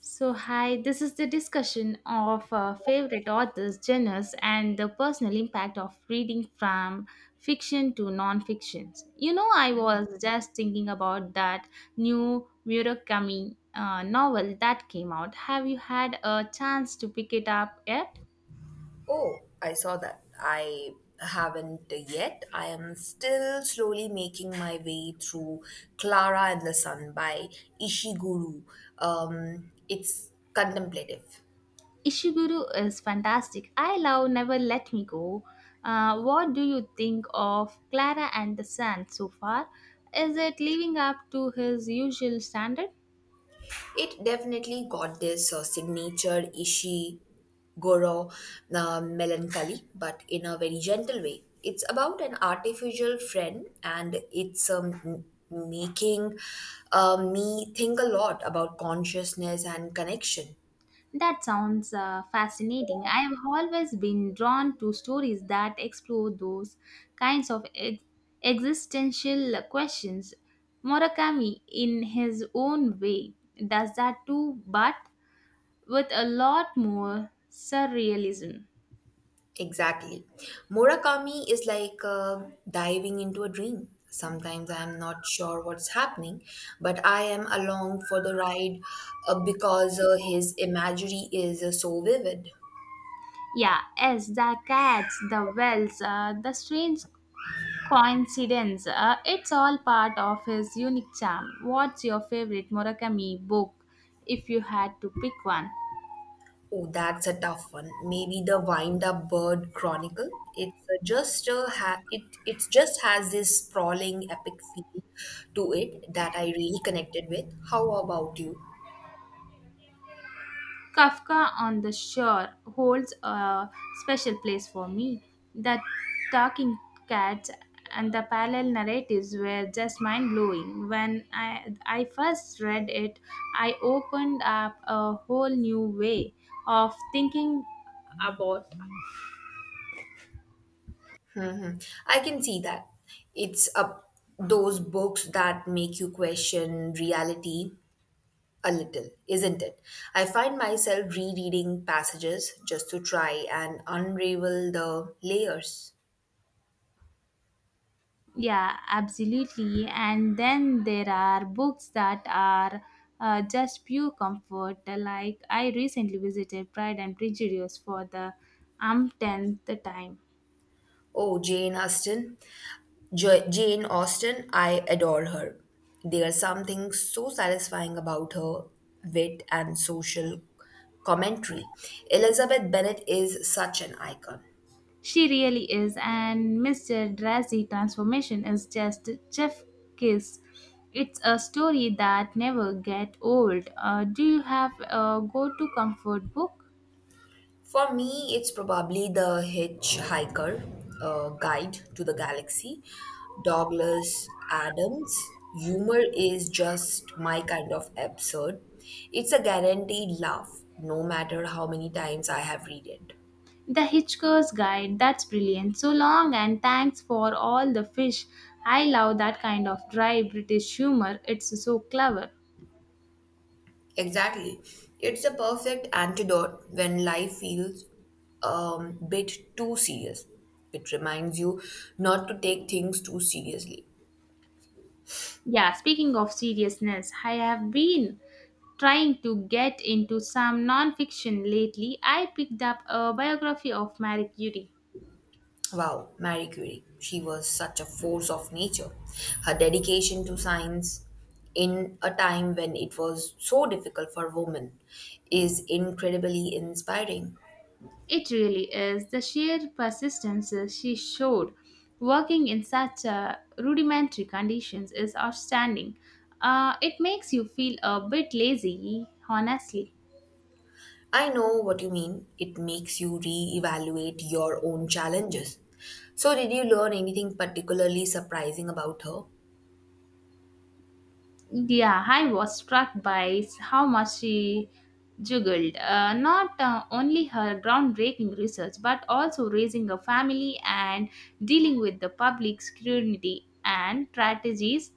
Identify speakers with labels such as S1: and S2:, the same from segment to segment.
S1: So, hi, this is the discussion of favorite authors, genres, and the personal impact of reading from fiction to non fiction. You know, I was just thinking about that new Murakami novel that came out. Have you had a chance to pick it up yet?
S2: Oh, I saw that. I haven't yet. I am still slowly making my way through Clara and the Sun by Ishiguro. It's contemplative.
S1: Ishiguro is fantastic. I love Never Let Me Go. What do you think of Clara and the Sand so far? Is it living up to his usual standard?
S2: It definitely got this signature Ishiguro melancholy, but in a very gentle way. It's about an artificial friend, and it's making me think a lot about consciousness and connection.
S1: That sounds fascinating. I have always been drawn to stories that explore those kinds of existential questions. Murakami, in his own way, does that too, but with a lot more surrealism.
S2: Exactly. Murakami is like diving into a dream. Sometimes I am not sure what's happening, but I am along for the ride because his imagery is so vivid.
S1: Yeah, as the cats, the wells, the strange coincidence, it's all part of his unique charm. What's your favorite Murakami book if you had to pick one?
S2: Oh, that's a tough one. Maybe the Wind Up Bird Chronicle. It's just it just has this sprawling epic feel to it that I really connected with. How about you?
S1: Kafka on the Shore holds a special place for me. The talking cats and the parallel narratives were just mind blowing. When I first read it, I opened up a whole new way of thinking about.
S2: I can see that. It's up those books that make you question reality a little, isn't it? I find myself rereading passages just to try and unravel the layers.
S1: Yeah, absolutely. And then there are books that are just pure comfort. Like I recently visited Pride and Prejudice for the umpteenth time.
S2: Oh, Jane Austen. Jane Austen, I adore her. There's something so satisfying about her wit and social commentary. Elizabeth Bennet is such an icon.
S1: She really is, and Mr. Drazi transformation is just Jeff Kiss. It's a story that never get old. Do you have a go-to comfort book?
S2: For me, it's probably The Hitchhiker Guide to the Galaxy. Douglas Adams' humor is just my kind of absurd. It's a guaranteed laugh, no matter how many times I have read it.
S1: The Hitchhiker's Guide. That's brilliant. So long and thanks for all the fish. I love that kind of dry British humor. It's so clever.
S2: Exactly. It's a perfect antidote when life feels a bit too serious. It reminds you not to take things too seriously.
S1: Yeah, speaking of seriousness, I have been trying to get into some non-fiction lately. I picked up a biography of Marie Curie.
S2: Wow, Marie Curie. She was such a force of nature. Her dedication to science in a time when it was so difficult for women is incredibly inspiring.
S1: It really is. The sheer persistence she showed working in such rudimentary conditions is outstanding. It makes you feel a bit lazy, honestly.
S2: I know what you mean. It makes you re-evaluate your own challenges. So, did you learn anything particularly surprising about her?
S1: Yeah, I was struck by how much she juggled. Not only her groundbreaking research, but also raising a family and dealing with the public scrutiny and strategies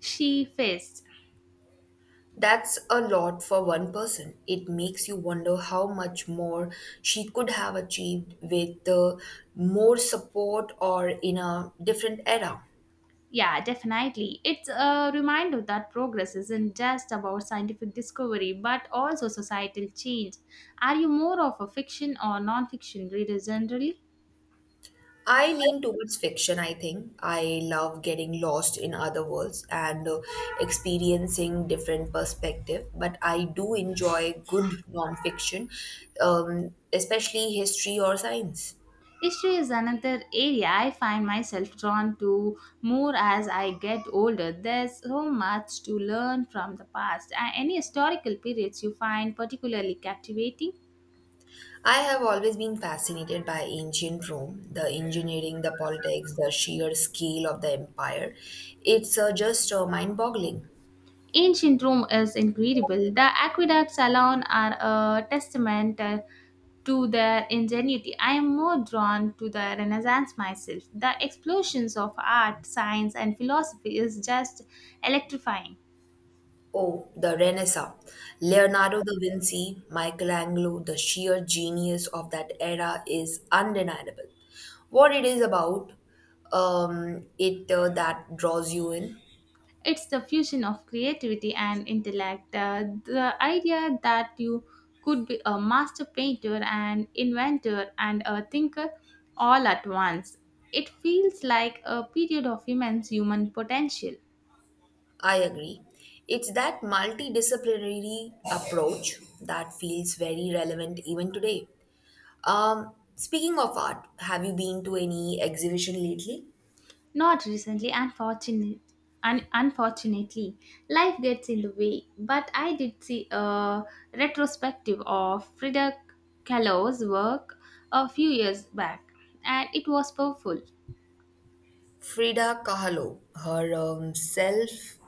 S1: she faced.
S2: That's a lot for one person. It makes you wonder how much more she could have achieved with more support or in a different era.
S1: Yeah, definitely. It's a reminder that progress isn't just about scientific discovery, but also societal change. Are you more of a fiction or non-fiction reader generally?
S2: I lean towards fiction, I think. I love getting lost in other worlds and experiencing different perspective, but I do enjoy good nonfiction, especially history or science.
S1: History is another area I find myself drawn to more as I get older. There's so much to learn from the past. Are any historical periods you find particularly captivating?
S2: I have always been fascinated by ancient Rome, the engineering, the politics, the sheer scale of the empire. It's just mind boggling.
S1: Ancient Rome is incredible. The aqueducts alone are a testament to their ingenuity. I am more drawn to the Renaissance myself. The explosions of art, science, and philosophy is just electrifying.
S2: Oh, the Renaissance. Leonardo da Vinci, Michelangelo, the sheer genius of that era is undeniable. What it is about, it that draws you in.
S1: It's the fusion of creativity and intellect. The idea that you could be a master painter, an inventor, and a thinker all at once. It feels like a period of immense human potential.
S2: I agree. It's that multidisciplinary approach that feels very relevant even today. Speaking of art, have you been to any exhibition lately?
S1: Not recently, unfortunately. Life gets in the way, but I did see a retrospective of Frida Kahlo's work a few years back, and it was powerful.
S2: Frida Kahlo,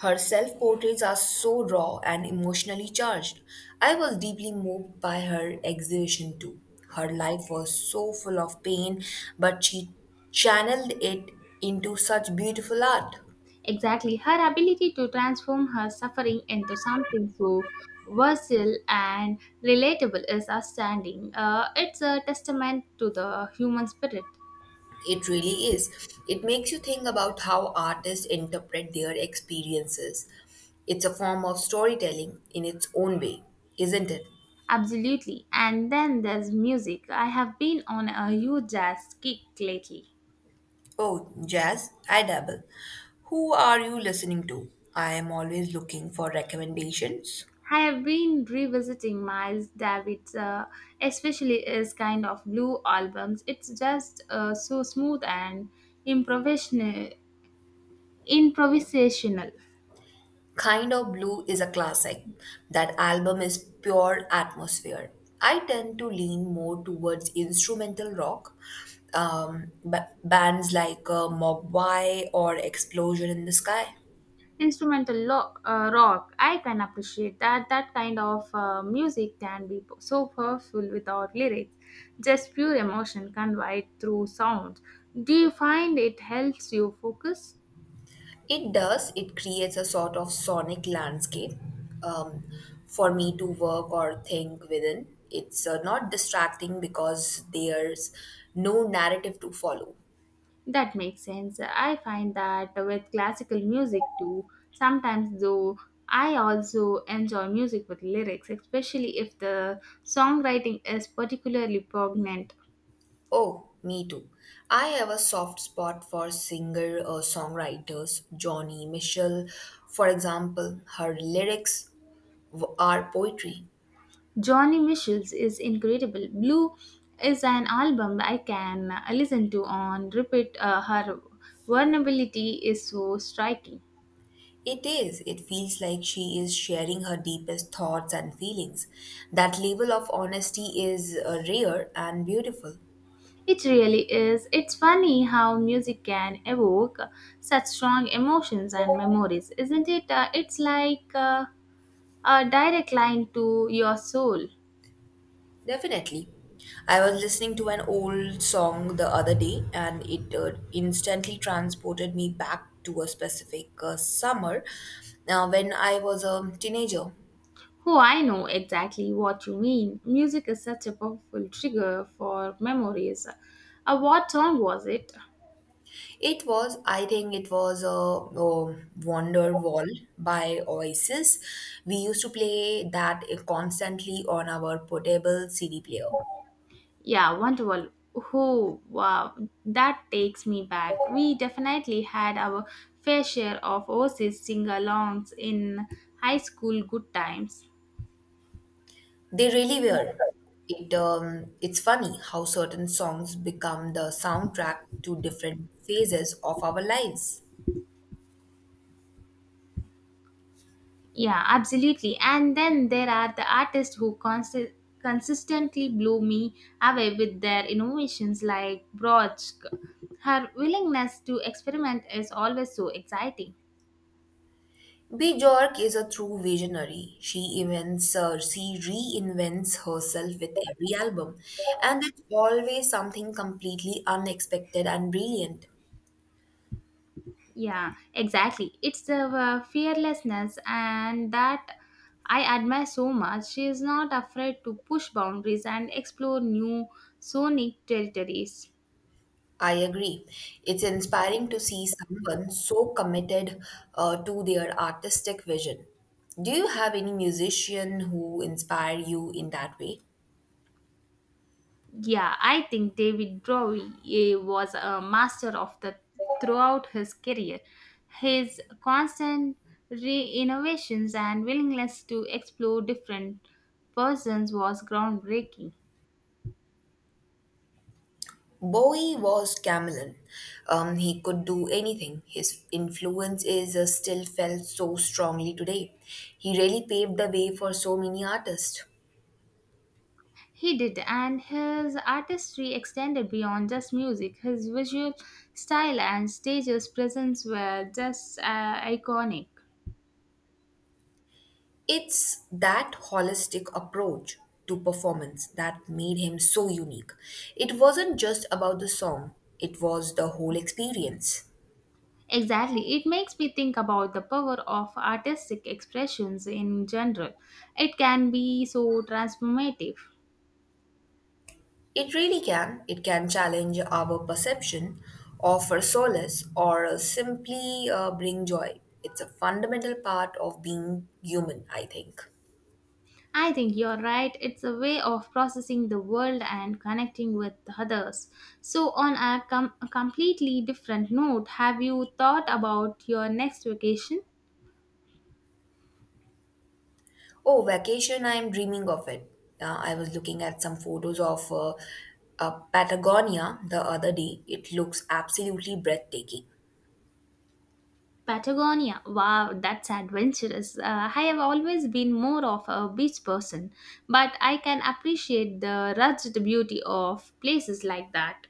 S2: her self portraits are so raw and emotionally charged. I was deeply moved by her exhibition too. Her life was so full of pain, but she channeled it into such beautiful art.
S1: Exactly, her ability to transform her suffering into something so versatile and relatable is outstanding. It's a testament to the human spirit.
S2: It really is. It makes you think about how artists interpret their experiences. It's a form of storytelling in its own way, isn't it?
S1: Absolutely. And then there's music. I have been on a huge jazz kick lately.
S2: Oh, jazz, I dabble. Who are you listening to? I am always looking for recommendations.
S1: I have been revisiting Miles David's, especially his kind of blue albums. It's just so smooth and improvisational. improvisational.
S2: Kind of Blue is a classic. That album is pure atmosphere. I tend to lean more towards instrumental rock. Bands like Mogwai or Explosion in the Sky.
S1: Instrumental rock, I can appreciate that. That kind of music can be so powerful without lyrics, just pure emotion conveyed through sound. Do you find it helps you focus?
S2: It does. It creates a sort of sonic landscape um, for me to work or think within. It's not distracting because there's no narrative to follow.
S1: That makes sense. I find that with classical music too sometimes, though I also enjoy music with lyrics, especially if the songwriting is particularly poignant.
S2: Oh, me too. I have a soft spot for singer songwriters, Johnny Mitchell, for example. Her lyrics are poetry.
S1: Johnny Mitchell's is incredible. Blue is an album I can listen to on repeat. Her vulnerability is so striking.
S2: It is. It feels like she is sharing her deepest thoughts and feelings. That level of honesty is rare and beautiful.
S1: It really is. It's funny how music can evoke such strong emotions and memories, isn't it? It's like a direct line to your soul.
S2: Definitely. I was listening to an old song the other day, and it instantly transported me back to a specific summer when I was a teenager.
S1: Oh, I know exactly what you mean. Music is such a powerful trigger for memories. What song was it?
S2: It was, I think it was a Wonder Wall by Oasis. We used to play that constantly on our portable CD player.
S1: Yeah, wonderful. Oh, wow. That takes me back. We definitely had our fair share of overseas sing alongs in high school good times.
S2: They really were. It's funny how certain songs become the soundtrack to different phases of our lives.
S1: Yeah, absolutely. And then there are the artists who consistently blow me away with their innovations like Brodsky. Her willingness to experiment is always so exciting.
S2: Bjork is a true visionary. She reinvents herself with every album, and it's always something completely unexpected and brilliant.
S1: Yeah, exactly. It's the fearlessness and that I admire so much. She is not afraid to push boundaries and explore new sonic territories.
S2: I agree. It's inspiring to see someone so committed to their artistic vision. Do you have any musician who inspire you in that way?
S1: Yeah, I think David Bowie was a master of that throughout his career. His constant re-innovations and willingness to explore different persons was groundbreaking.
S2: Bowie was chameleon. He could do anything. His influence is still felt so strongly today. He really paved the way for so many artists.
S1: He did, and his artistry extended beyond just music. His visual style and stage's presence were just iconic.
S2: It's that holistic approach to performance that made him so unique. It wasn't just about the song, it was the whole experience.
S1: Exactly. It makes me think about the power of artistic expressions in general. It can be so transformative.
S2: It really can. It can challenge our perception, offer solace, or simply bring joy. It's a fundamental part of being human, I think.
S1: I think you're right. It's a way of processing the world and connecting with others. So, on a completely different note, have you thought about your next vacation?
S2: Oh, vacation, I'm dreaming of it. I was looking at some photos of Patagonia the other day. It looks absolutely breathtaking.
S1: Patagonia. Wow, that's adventurous. I have always been more of a beach person, but I can appreciate the rugged beauty of places like that.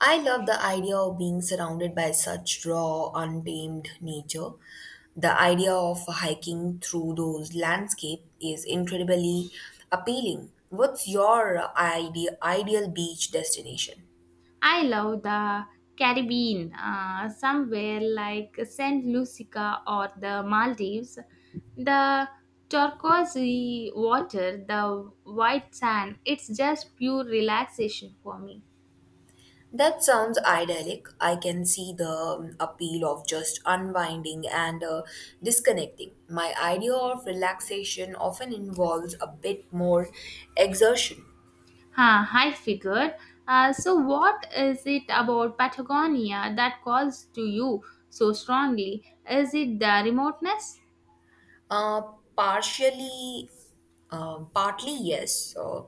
S2: I love the idea of being surrounded by such raw, untamed nature. The idea of hiking through those landscapes is incredibly appealing. What's your ideal beach destination?
S1: I love the Caribbean, somewhere like Saint Lucia or the Maldives. The turquoise water, the white sand, it's just pure relaxation for me.
S2: That sounds idyllic. I can see the appeal of just unwinding and disconnecting. My idea of relaxation often involves a bit more exertion.
S1: Huh, I figured. So, what is it about Patagonia that calls to you so strongly? Is it the remoteness?
S2: Uh, Partially, partly yes,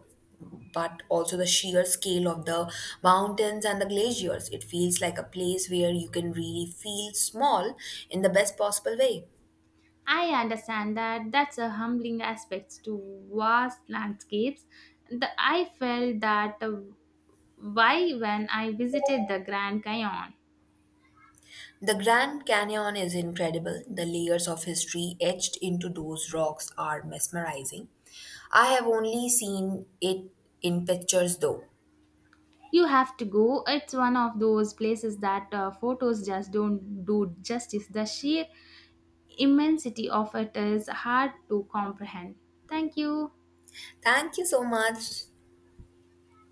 S2: but also the sheer scale of the mountains and the glaciers. It feels like a place where you can really feel small in the best possible way.
S1: I understand that. That's a humbling aspect to vast landscapes. I felt that why when I visited the Grand Canyon.
S2: The Grand Canyon is incredible. The layers of history etched into those rocks are mesmerizing. I have only seen it in pictures though.
S1: You have to go. It's one of those places that photos just don't do justice. The sheer immensity of it is hard to comprehend. Thank you.
S2: Thank you so much.